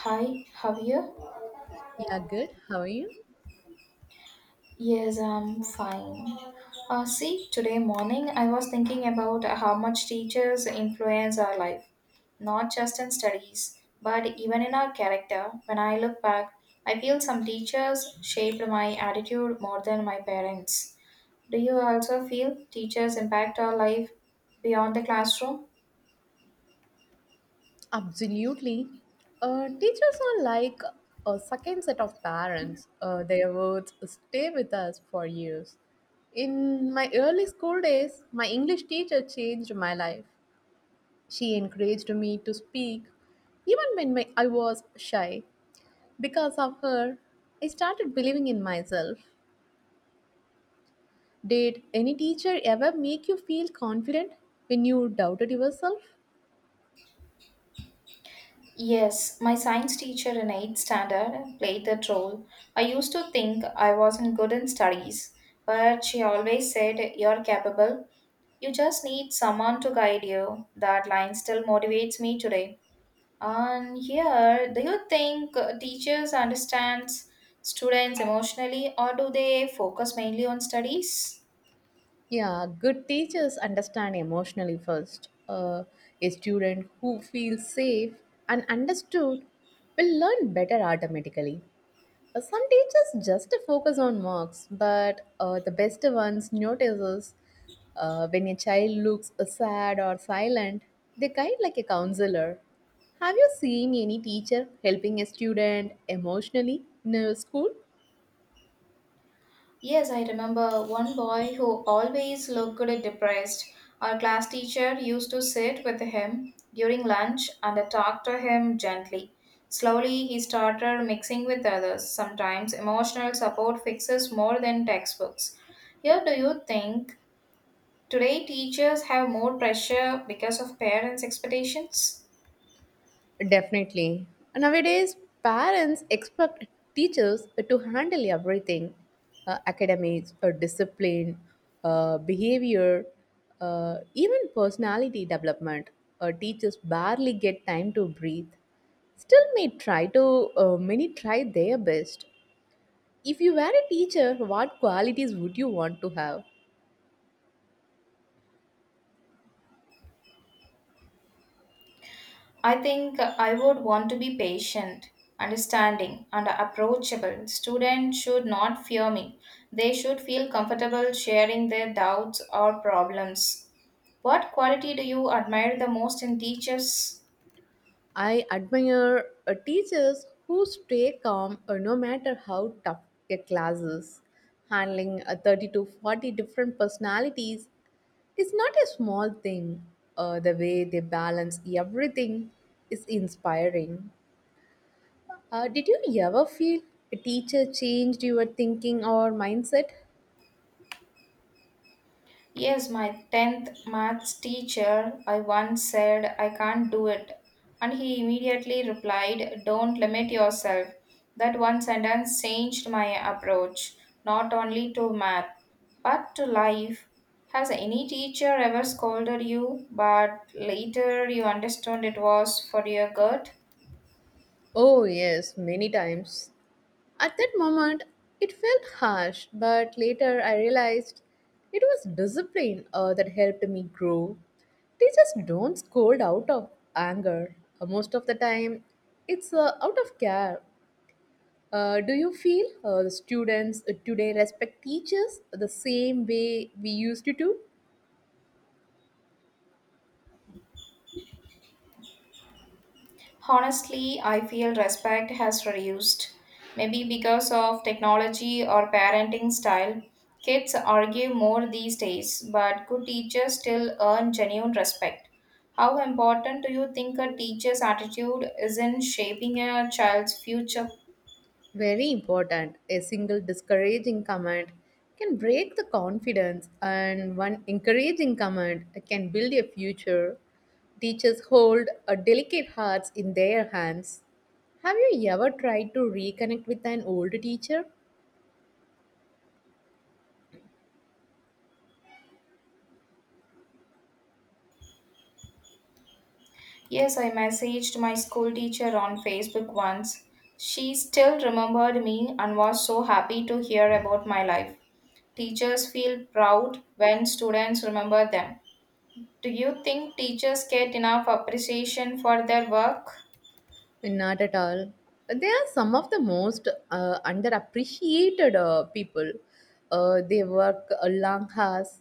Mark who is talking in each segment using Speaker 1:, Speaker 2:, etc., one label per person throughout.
Speaker 1: Hi, Javier.
Speaker 2: Yeah, good. How are you?
Speaker 1: Yes, I'm fine. See, today morning I was thinking about how much teachers influence our life, not just in studies, but even in our character. When I look back, I feel some teachers shaped my attitude more than my parents. Do you also feel teachers impact our life beyond the classroom?
Speaker 2: Absolutely. Teachers are like a second set of parents. Their words stay with us for years. In my early school days, my English teacher changed my life. She encouraged me to speak, even when I was shy. Because of her, I started believing in myself. Did any teacher ever make you feel confident when you doubted yourself?
Speaker 1: Yes, my science teacher in 8th standard played that role. I used to think I wasn't good in studies, but she always said, You're capable. You just need someone to guide you. That line still motivates me today. And here, do you think teachers understands students emotionally, or do they focus mainly on studies?
Speaker 2: Yeah, good teachers understand emotionally first. A student who feels safe and understood will learn better automatically. Some teachers just focus on marks, but the best ones notices when a child looks sad or silent. They guide like a counselor. Have you seen any teacher helping a student emotionally in a school?
Speaker 1: Yes, I remember one boy who always looked depressed. Our class teacher used to sit with him during lunch and talk to him gently. Slowly, he started mixing with others. Sometimes emotional support fixes more than textbooks. Here, do you think today teachers have more pressure because of parents' expectations?
Speaker 2: Definitely. Nowadays, parents expect teachers to handle everything, academics, discipline, behavior, even personality development. Teachers barely get time to breathe. Still, may try to many try their best. If you were a teacher, what qualities would you want to have?
Speaker 1: I think I would want to be patient, understanding, and approachable. Students should not fear me. They should feel comfortable sharing their doubts or problems. What quality do you admire the most in teachers?
Speaker 2: I admire teachers who stay calm no matter how tough a class is. Handling 30 to 40 different personalities is not a small thing. The way they balance everything is inspiring. Did you ever feel a teacher changed your thinking or mindset?
Speaker 1: Yes, my 10th maths teacher, I once said, I can't do it. And he immediately replied, Don't limit yourself. That one sentence changed my approach, not only to math, but to life. Has any teacher ever scolded you, but later you understood it was for your good?
Speaker 2: Oh, yes, many times. At that moment, it felt harsh, but later I realized it was discipline that helped me grow. Teachers don't scold out of anger. Most of the time, it's out of care. Do you feel the students today respect teachers the same way we used to do?
Speaker 1: Honestly, I feel respect has reduced. Maybe because of technology or parenting style, kids argue more these days, but good teachers still earn genuine respect. How important do you think a teacher's attitude is in shaping a child's future?
Speaker 2: Very important. A single discouraging comment can break the confidence, and one encouraging comment can build a future. Teachers hold a delicate hearts in their hands. Have you ever tried to reconnect with an old teacher?
Speaker 1: Yes, I messaged my school teacher on Facebook once. She still remembered me and was so happy to hear about my life. Teachers feel proud when students remember them. Do you think teachers get enough appreciation for their work?
Speaker 2: Not at all. They are some of the most underappreciated people. They work a long hours,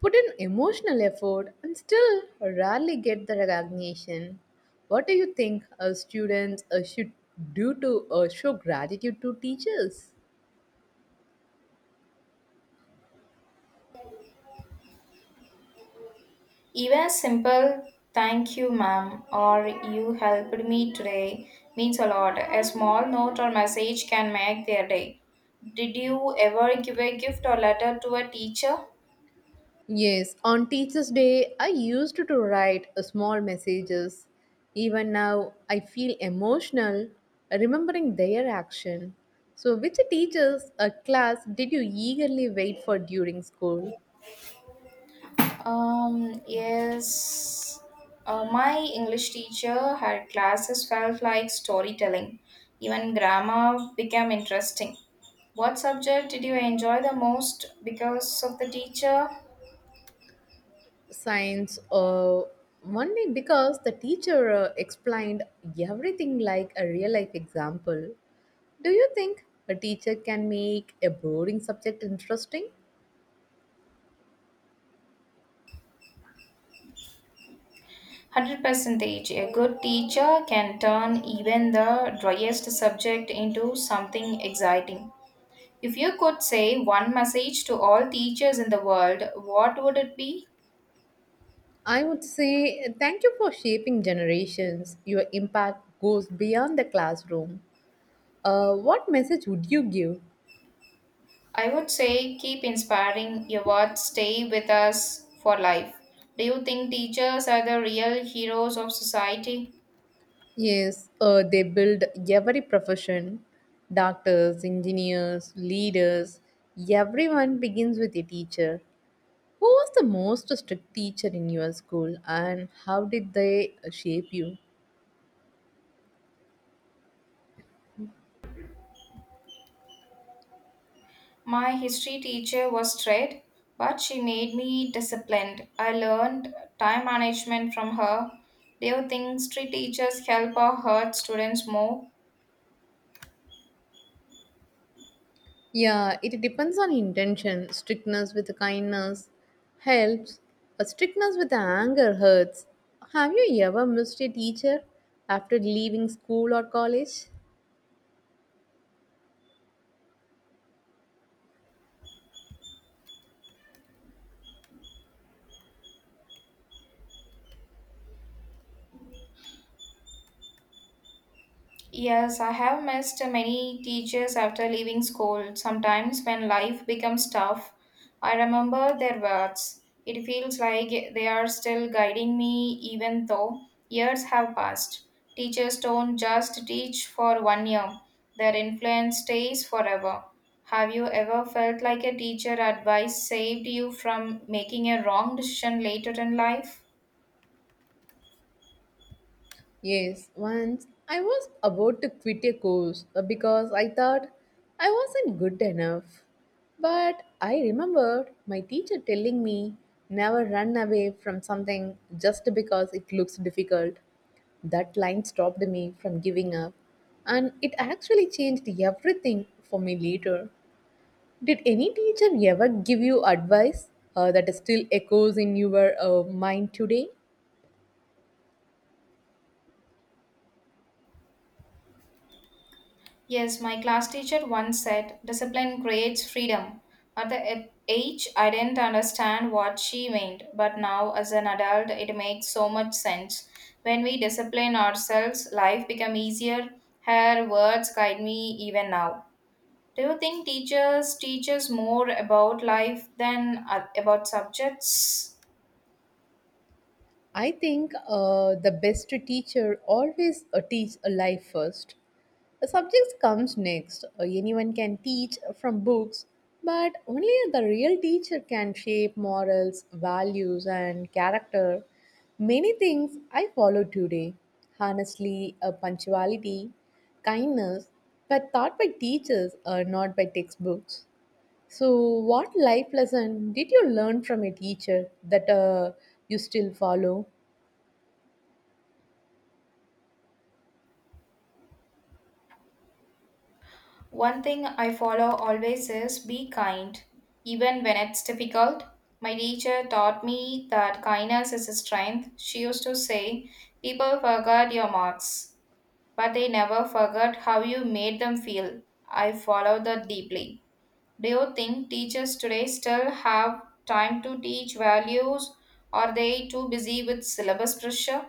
Speaker 2: put in emotional effort, and still rarely get the recognition. What do you think students should do to show gratitude to teachers?
Speaker 1: Even a simple thank you, ma'am, or you helped me today means a lot. A small note or message can make their day. Did you ever give a gift or letter to a teacher?
Speaker 2: Yes, on Teachers' Day, I used to write a small messages. Even now, I feel emotional remembering their action. So, which teachers or class did you eagerly wait for during school?
Speaker 1: Yes. My English teacher, her classes felt like storytelling. Even grammar became interesting. What subject did you enjoy the most because of the teacher?
Speaker 2: Science, or only because the teacher explained everything like a real life example. Do you think a teacher can make a boring subject interesting?
Speaker 1: 100%. A good teacher can turn even the driest subject into something exciting. If you could say one message to all teachers in the world, what would it be?
Speaker 2: I would say thank you for shaping generations. Your impact goes beyond the classroom. What message would you give?
Speaker 1: I would say keep inspiring your words, stay with us for life. Do you think teachers are the real heroes of society?
Speaker 2: Yes, they build every profession, doctors, engineers, leaders. Everyone begins with a teacher. Who was the most strict teacher in your school and how did they shape you?
Speaker 1: My history teacher was straight, but she made me disciplined. I learned time management from her. Do you think history teachers help or hurt students more?
Speaker 2: Yeah, it depends on intention. Strictness with kindness helps, but strictness with anger hurts. Have you ever missed a teacher after leaving school or college?
Speaker 1: Yes, I have missed many teachers after leaving school. Sometimes, when life becomes tough, I remember their words. It feels like they are still guiding me even though years have passed. Teachers don't just teach for 1 year, their influence stays forever. Have you ever felt like a teacher advice saved you from making a wrong decision later in life?
Speaker 2: Yes, once I was about to quit a course because I thought I wasn't good enough. But I remembered my teacher telling me never run away from something just because it looks difficult. That line stopped me from giving up, and it actually changed everything for me later. Did any teacher ever give you advice that still echoes in your mind today?
Speaker 1: Yes, my class teacher once said, discipline creates freedom. At the age, I didn't understand what she meant, but now as an adult, it makes so much sense. When we discipline ourselves, life becomes easier. Her words guide me even now. Do you think teachers teach us more about life than about subjects?
Speaker 2: I think the best teacher always teach a life first. The subjects comes next. Anyone can teach from books, but only the real teacher can shape morals, values, and character. Many things I follow today. Honestly, punctuality, kindness, but taught by teachers, not by textbooks. So, what life lesson did you learn from a teacher that you still follow?
Speaker 1: One thing I follow always is be kind, even when it's difficult. My teacher taught me that kindness is a strength. She used to say, People forgot your marks, but they never forgot how you made them feel. I follow that deeply. Do you think teachers today still have time to teach values? Or are they too busy with syllabus pressure?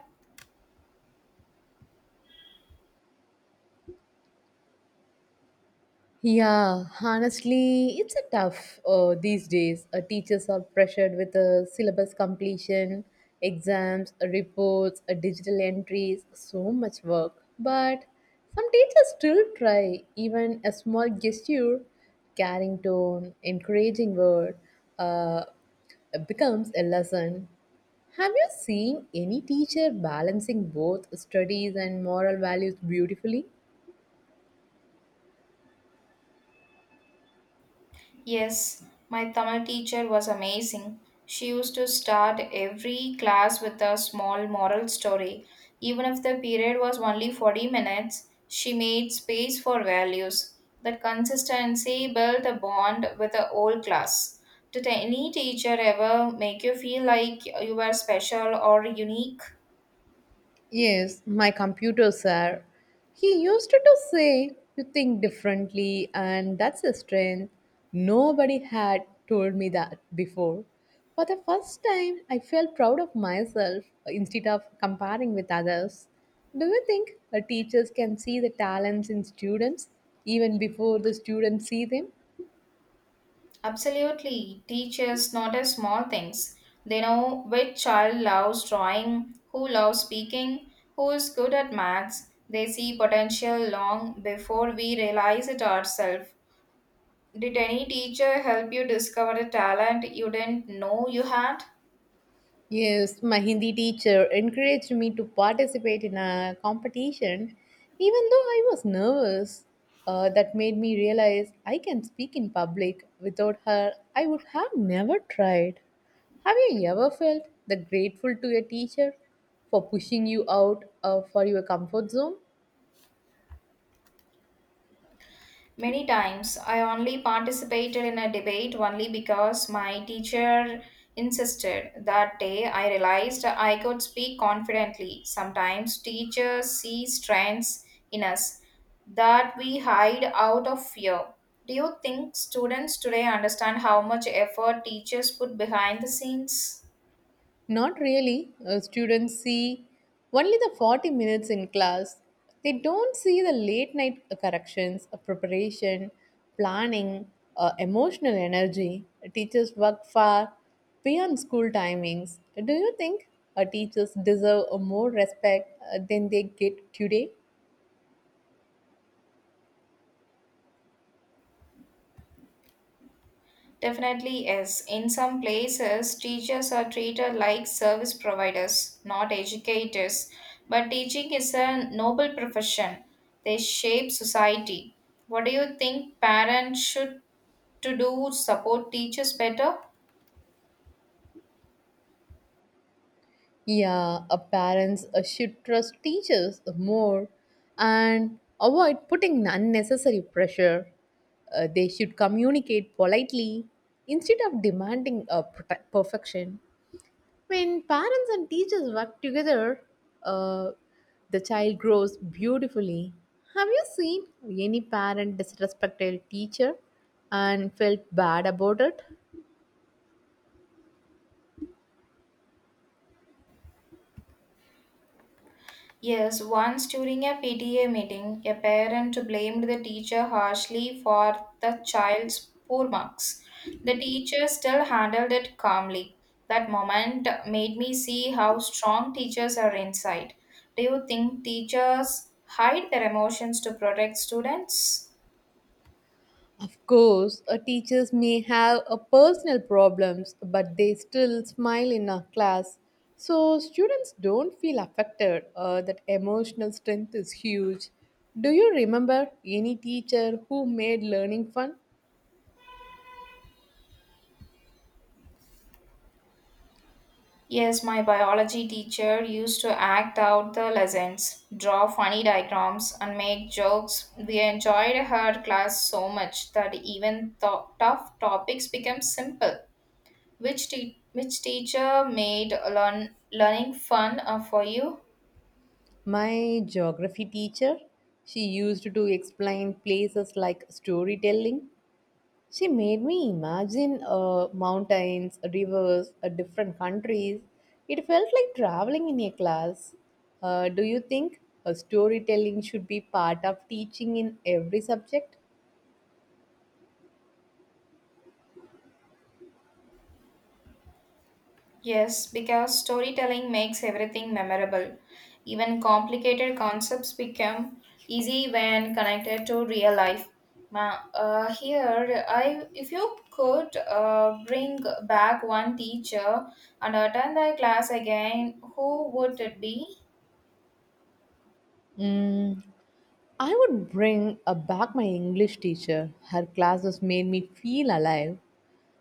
Speaker 2: Yeah, honestly, it's a tough these days. Teachers are pressured with syllabus completion, exams, reports, digital entries, so much work. But some teachers still try, even a small gesture, caring tone, encouraging word, uh, becomes a lesson. Have you seen any teacher balancing both studies and moral values beautifully?
Speaker 1: Yes, my Tamil teacher was amazing. She used to start every class with a small moral story. Even if the period was only 40 minutes, she made space for values. That consistency built a bond with the whole class. Did any teacher ever make you feel like you were special or unique?
Speaker 2: Yes, my computer, sir. He used to say, you think differently, and that's a strength. Nobody had told me that before. For the first time, I felt proud of myself instead of comparing with others. Do you think teachers can see the talents in students even before the students see them?
Speaker 1: Absolutely. Teachers notice small things. They know which child loves drawing, who loves speaking, who is good at maths. They see potential long before we realize it ourselves. Did any teacher help you discover a talent you didn't know you had?
Speaker 2: Yes, my Hindi teacher encouraged me to participate in a competition, even though I was nervous. That made me realize I can speak in public. Without her, I would have never tried. Have you ever felt that grateful to your teacher for pushing you out for your comfort zone?
Speaker 1: Many times I only participated in a debate only because my teacher insisted. That day I realized I could speak confidently. Sometimes teachers see strengths in us that we hide out of fear. Do you think students today understand how much effort teachers put behind the scenes?
Speaker 2: Not really. Students see only the 40 minutes in class. They don't see the late night corrections, preparation, planning, emotional energy. Teachers work far beyond school timings. Do you think teachers deserve more respect than they get today?
Speaker 1: Definitely is. In some places, teachers are treated like service providers, not educators. But teaching is a noble profession. They shape society. What do you think parents should to do support teachers better?
Speaker 2: Yeah, parents should trust teachers more and avoid putting unnecessary pressure. They should communicate politely instead of demanding perfection. When parents and teachers work together, uh, the child grows beautifully. Have you seen any parent disrespect a teacher and felt bad about it?
Speaker 1: Yes, once during a PTA meeting, a parent blamed the teacher harshly for the child's poor marks. The teacher still handled it calmly. That moment made me see how strong teachers are inside. Do you think teachers hide their emotions to protect students?
Speaker 2: Of course, teachers may have personal problems, but they still smile in a class. So students don't feel affected. That emotional strength is huge. Do you remember any teacher who made learning fun?
Speaker 1: Yes, my biology teacher used to act out the lessons, draw funny diagrams, and make jokes. We enjoyed her class so much that even tough topics became simple. Which teacher made learning fun for you?
Speaker 2: My geography teacher. She used to explain places like storytelling. She made me imagine mountains, rivers, different countries. It felt like traveling in a class. Do you think storytelling should be part of teaching in every subject?
Speaker 1: Yes, because storytelling makes everything memorable. Even complicated concepts become easy when connected to real life. Here, I if you could bring back one teacher and attend the class again, who would it be?
Speaker 2: Mm, I would bring back my English teacher. Her classes made me feel alive.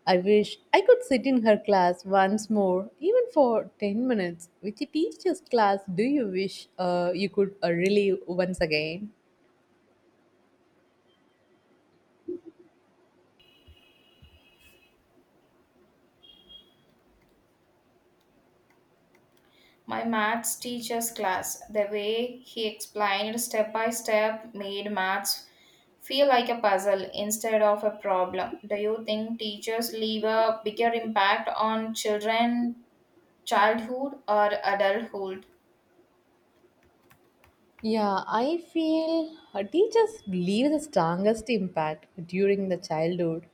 Speaker 2: I wish I could sit in her class once more, even for 10 minutes. Which teacher's class do you wish you could relive once again?
Speaker 1: My maths teacher's class, the way he explained step by step made maths feel like a puzzle instead of a problem. Do you think teachers leave a bigger impact on children childhood or adulthood?
Speaker 2: Yeah, I feel teachers leave the strongest impact during the childhood.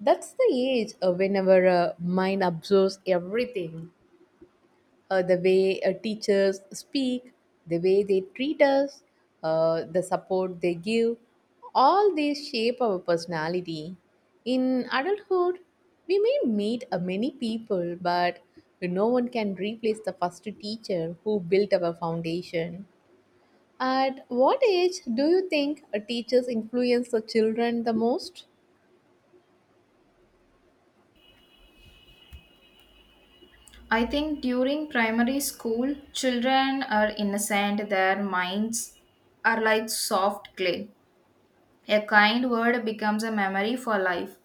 Speaker 2: That's the age whenever a mind absorbs everything. The way teachers speak, the way they treat us, the support they give, all these shape our personality. In adulthood, we may meet many people, but no one can replace the first teacher who built our foundation. At what age do you think teachers influence the children the most?
Speaker 1: I think during primary school, children are innocent, their minds are like soft clay. A kind word becomes a memory for life,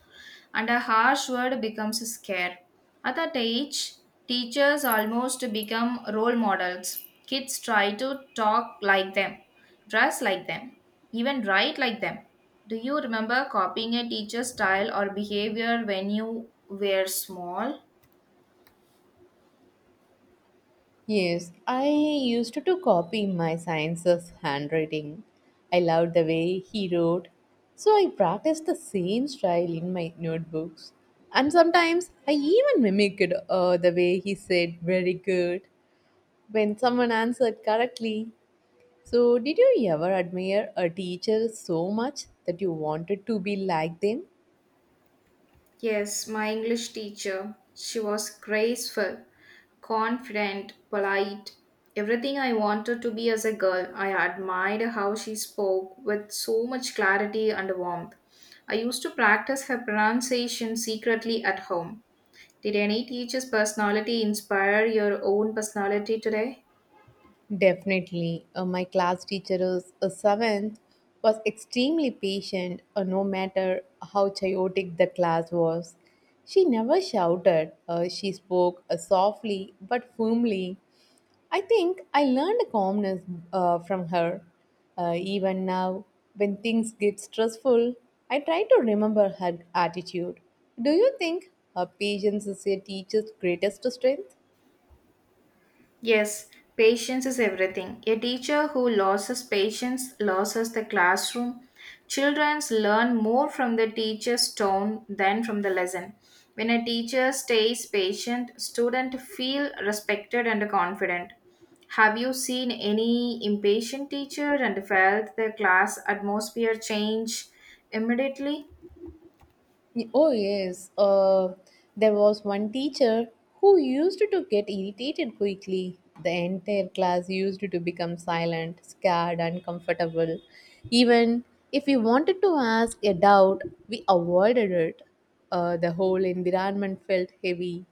Speaker 1: and a harsh word becomes a scare. At that age, teachers almost become role models. Kids try to talk like them, dress like them, even write like them. Do you remember copying a teacher's style or behavior when you were small?
Speaker 2: Yes, I used to copy my sciences handwriting. I loved the way he wrote, so I practiced the same style in my notebooks. And sometimes I even mimicked the way he said very good when someone answered correctly. So, did you ever admire a teacher so much that you wanted to be like them?
Speaker 1: Yes, my English teacher. She was graceful, confident, polite, everything I wanted to be as a girl. I admired how she spoke with so much clarity and warmth. I used to practice her pronunciation secretly at home. Did any teacher's personality inspire your own personality today?
Speaker 2: Definitely. My class teacher is a seventh was extremely patient no matter how chaotic the class was. She never shouted. She spoke softly but firmly. I think I learned calmness from her. Even now, when things get stressful, I try to remember her attitude. Do you think her patience is a teacher's greatest strength?
Speaker 1: Yes, patience is everything. A teacher who loses patience loses the classroom. Children learn more from the teacher's tone than from the lesson. When a teacher stays patient, students feel respected and confident. Have you seen any impatient teacher and felt the class atmosphere change immediately?
Speaker 2: Oh, yes. There was one teacher who used to get irritated quickly. The entire class used to become silent, scared, uncomfortable. Even if we wanted to ask a doubt, we avoided it. The whole environment felt heavy.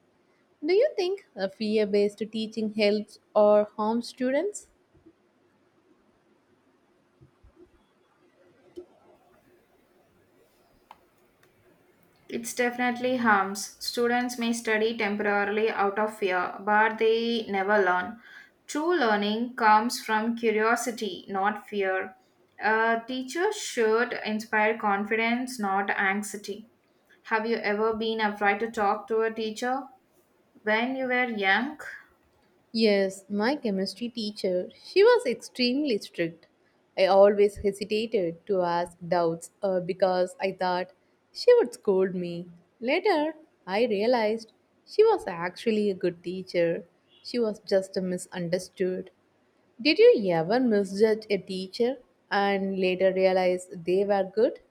Speaker 2: Do you think a fear based teaching helps or harms students?
Speaker 1: It's definitely harms. Students may study temporarily out of fear, but they never learn. True learning comes from curiosity, not fear. A teacher should inspire confidence, not anxiety. Have you ever been afraid to talk to a teacher when you were young?
Speaker 2: Yes, my chemistry teacher, she was extremely strict. I always hesitated to ask doubts because I thought she would scold me. Later, I realized she was actually a good teacher. She was just misunderstood. Did you ever misjudge a teacher and later realize they were good?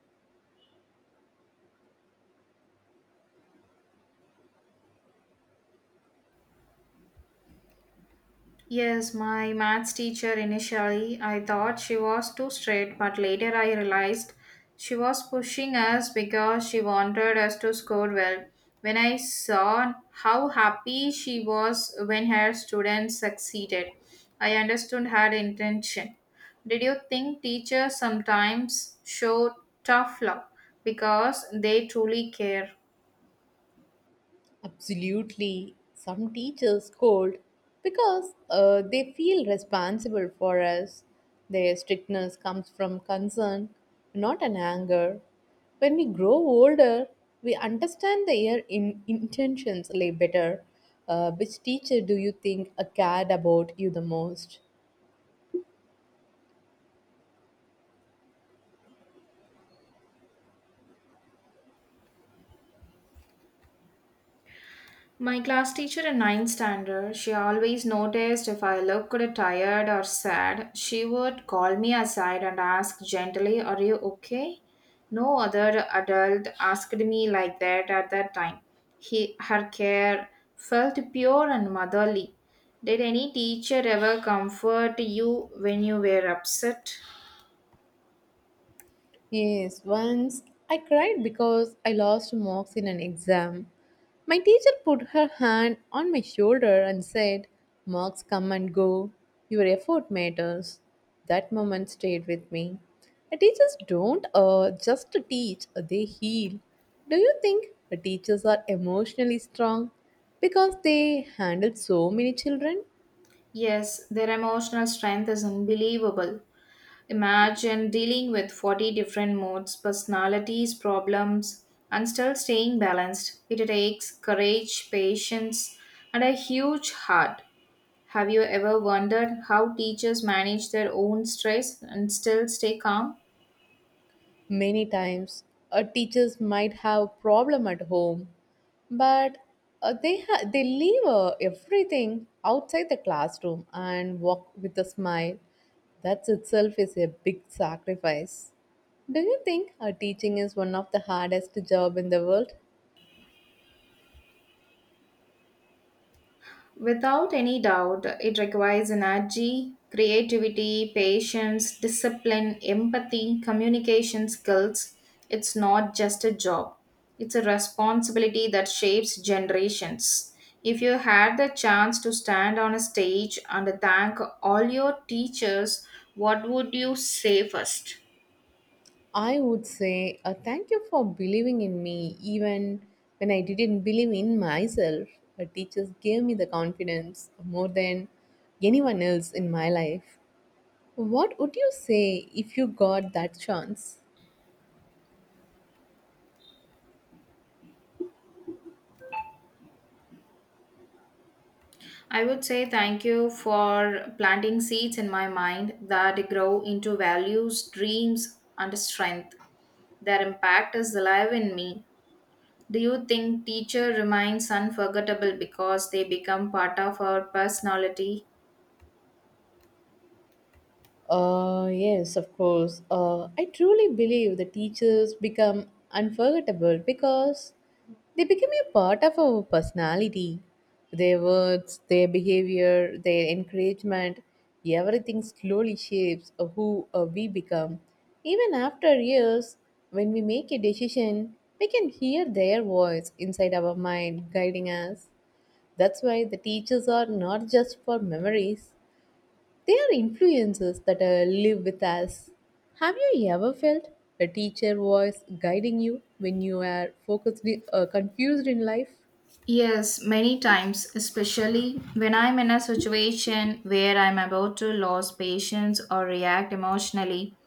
Speaker 1: Yes, my maths teacher initially, I thought she was too strict, but later I realized she was pushing us because she wanted us to score well. When I saw how happy she was when her students succeeded, I understood her intention. Did you think teachers sometimes show tough love because they truly care?
Speaker 2: Absolutely. Some teachers scold because they feel responsible for us. Their strictness comes from concern, not an anger. When we grow older, we understand their intentions lay better. Which teacher do you think cared about you the most?
Speaker 1: My class teacher in ninth standard, she always noticed if I looked tired or sad. She would call me aside and ask gently, Are you okay? No other adult asked me like that at that time. Her care felt pure and motherly. Did any teacher ever comfort you when you were upset?
Speaker 2: Yes, once I cried because I lost marks in an exam. My teacher put her hand on my shoulder and said, marks come and go, your effort matters. That moment stayed with me. The teachers don't just teach, they heal. Do you think the teachers are emotionally strong because they handle so many children?
Speaker 1: Yes, their emotional strength is unbelievable. Imagine dealing with 40 different moods, personalities, problems, and still staying balanced. It takes courage, patience, and a huge heart. Have you ever wondered how teachers manage their own stress and still stay calm?
Speaker 2: Many times, teachers might have a problem at home, but they leave everything outside the classroom and walk with a smile. That itself is a big sacrifice. Do you think teaching is one of the hardest job in the world?
Speaker 1: Without any doubt, it requires energy, creativity, patience, discipline, empathy, communication skills. It's not just a job, it's a responsibility that shapes generations. If you had the chance to stand on a stage and thank all your teachers, what would you say first?
Speaker 2: I would say thank you for believing in me even when I didn't believe in myself. Teachers gave me the confidence more than anyone else in my life. What would you say if you got that chance?
Speaker 1: I would say thank you for planting seeds in my mind that grow into values, dreams, and strength. Their impact is alive in me. Do you think teacher remains unforgettable because they become part of our personality?
Speaker 2: Yes, of course. I truly believe the teachers become unforgettable because they become a part of our personality. Their words, their behavior, their encouragement, everything slowly shapes who we become. Even after years, when we make a decision, we can hear their voice inside our mind guiding us. That's why the teachers are not just for memories, they are influences that live with us. Have you ever felt a teacher voice guiding you when you are focused, confused in life?
Speaker 1: Yes, many times, especially when I'm in a situation where I'm about to lose patience or react emotionally.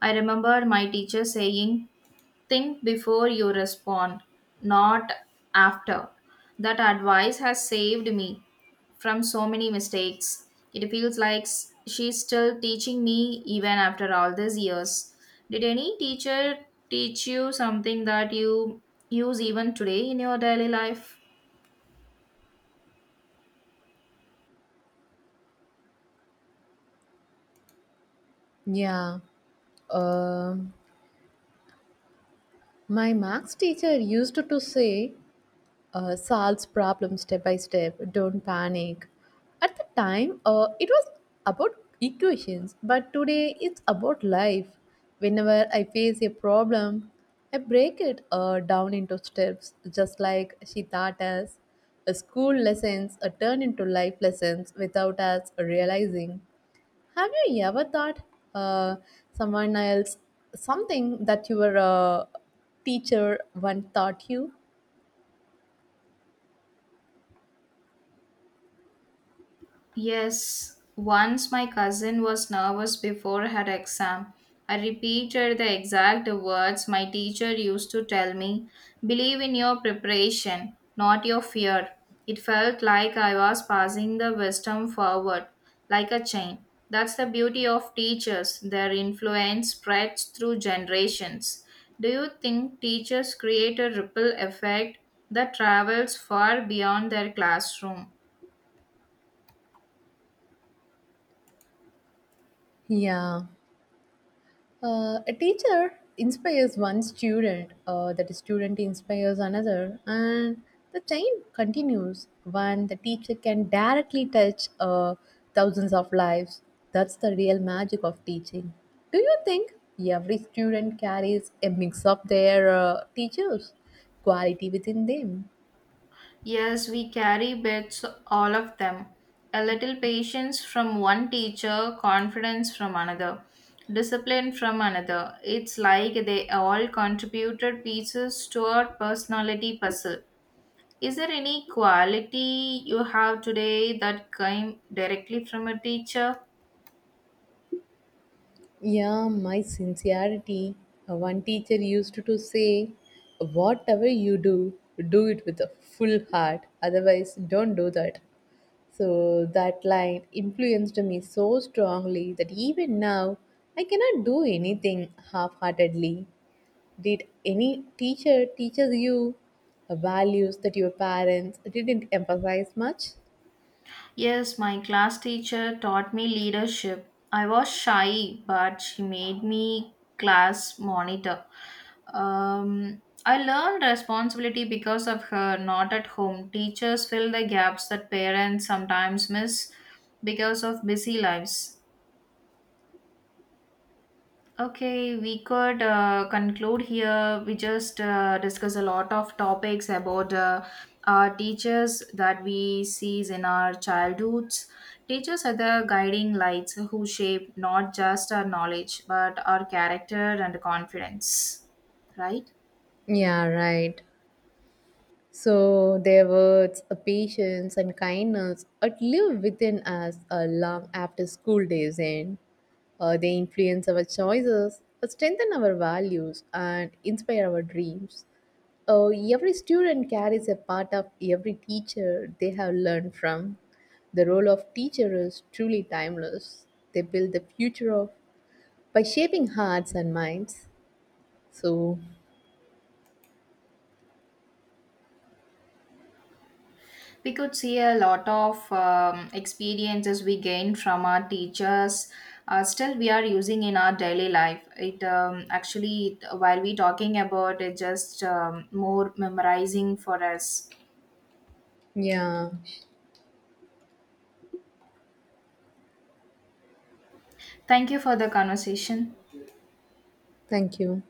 Speaker 1: I remember my teacher saying, Think before you respond, not after. That advice has saved me from so many mistakes. It feels like she's still teaching me even after all these years. Did any teacher teach you something that you use even today in your daily life?
Speaker 2: Yeah. Um my Max teacher used to say, solves problems step by step. Don't panic. At the time, it was about equations, but today it's about life. Whenever I face a problem, I break it down into steps, just like she taught us. School lessons turn into life lessons without us realizing. Have you ever thought uh, someone else something that your teacher once taught you?
Speaker 1: Yes, once my cousin was nervous before her exam. I repeated the exact words my teacher used to tell me, believe in your preparation, not your fear. It felt like I was passing the wisdom forward, like a chain. That's the beauty of teachers, their influence spreads through generations. Do you think teachers create a ripple effect that travels far beyond their classroom?
Speaker 2: Yeah. A teacher inspires one student, that student inspires another, and the chain continues when the teacher can directly touch thousands of lives. That's the real magic of teaching. Do you think every student carries a mix of their teachers' quality within them?
Speaker 1: Yes, we carry bits, all of them. A little patience from one teacher, confidence from another, discipline from another. It's like they all contributed pieces to our personality puzzle. Is there any quality you have today that came directly from a teacher?
Speaker 2: Yeah, my sincerity. One teacher used to say, whatever you do, do it with a full heart. Otherwise, don't do that. So that line influenced me so strongly that even now I cannot do anything half-heartedly. Did any teacher teaches you values that your parents didn't emphasize much?
Speaker 1: Yes, my class teacher taught me leadership. I was shy, but she made me class monitor. I learned responsibility because of her, not at home. Teachers fill the gaps that parents sometimes miss because of busy lives. Okay, we could conclude here. We just discuss a lot of topics about our teachers that we sees in our childhoods. Teachers are the guiding lights who shape not just our knowledge but our character and confidence, right?
Speaker 2: Yeah, right. So their words, patience, and kindness live within us long after school days end. They influence our choices, strengthen our values, and inspire our dreams. Every student carries a part of every teacher they have learned from. The role of teacher is truly timeless. They build the future of by shaping hearts and minds. So,
Speaker 1: We could see a lot of experiences we gain from our teachers still we are using in our daily life it actually while we talking about it just more memorizing for us.
Speaker 2: yeah,
Speaker 1: Thank you for the conversation.
Speaker 2: thank you.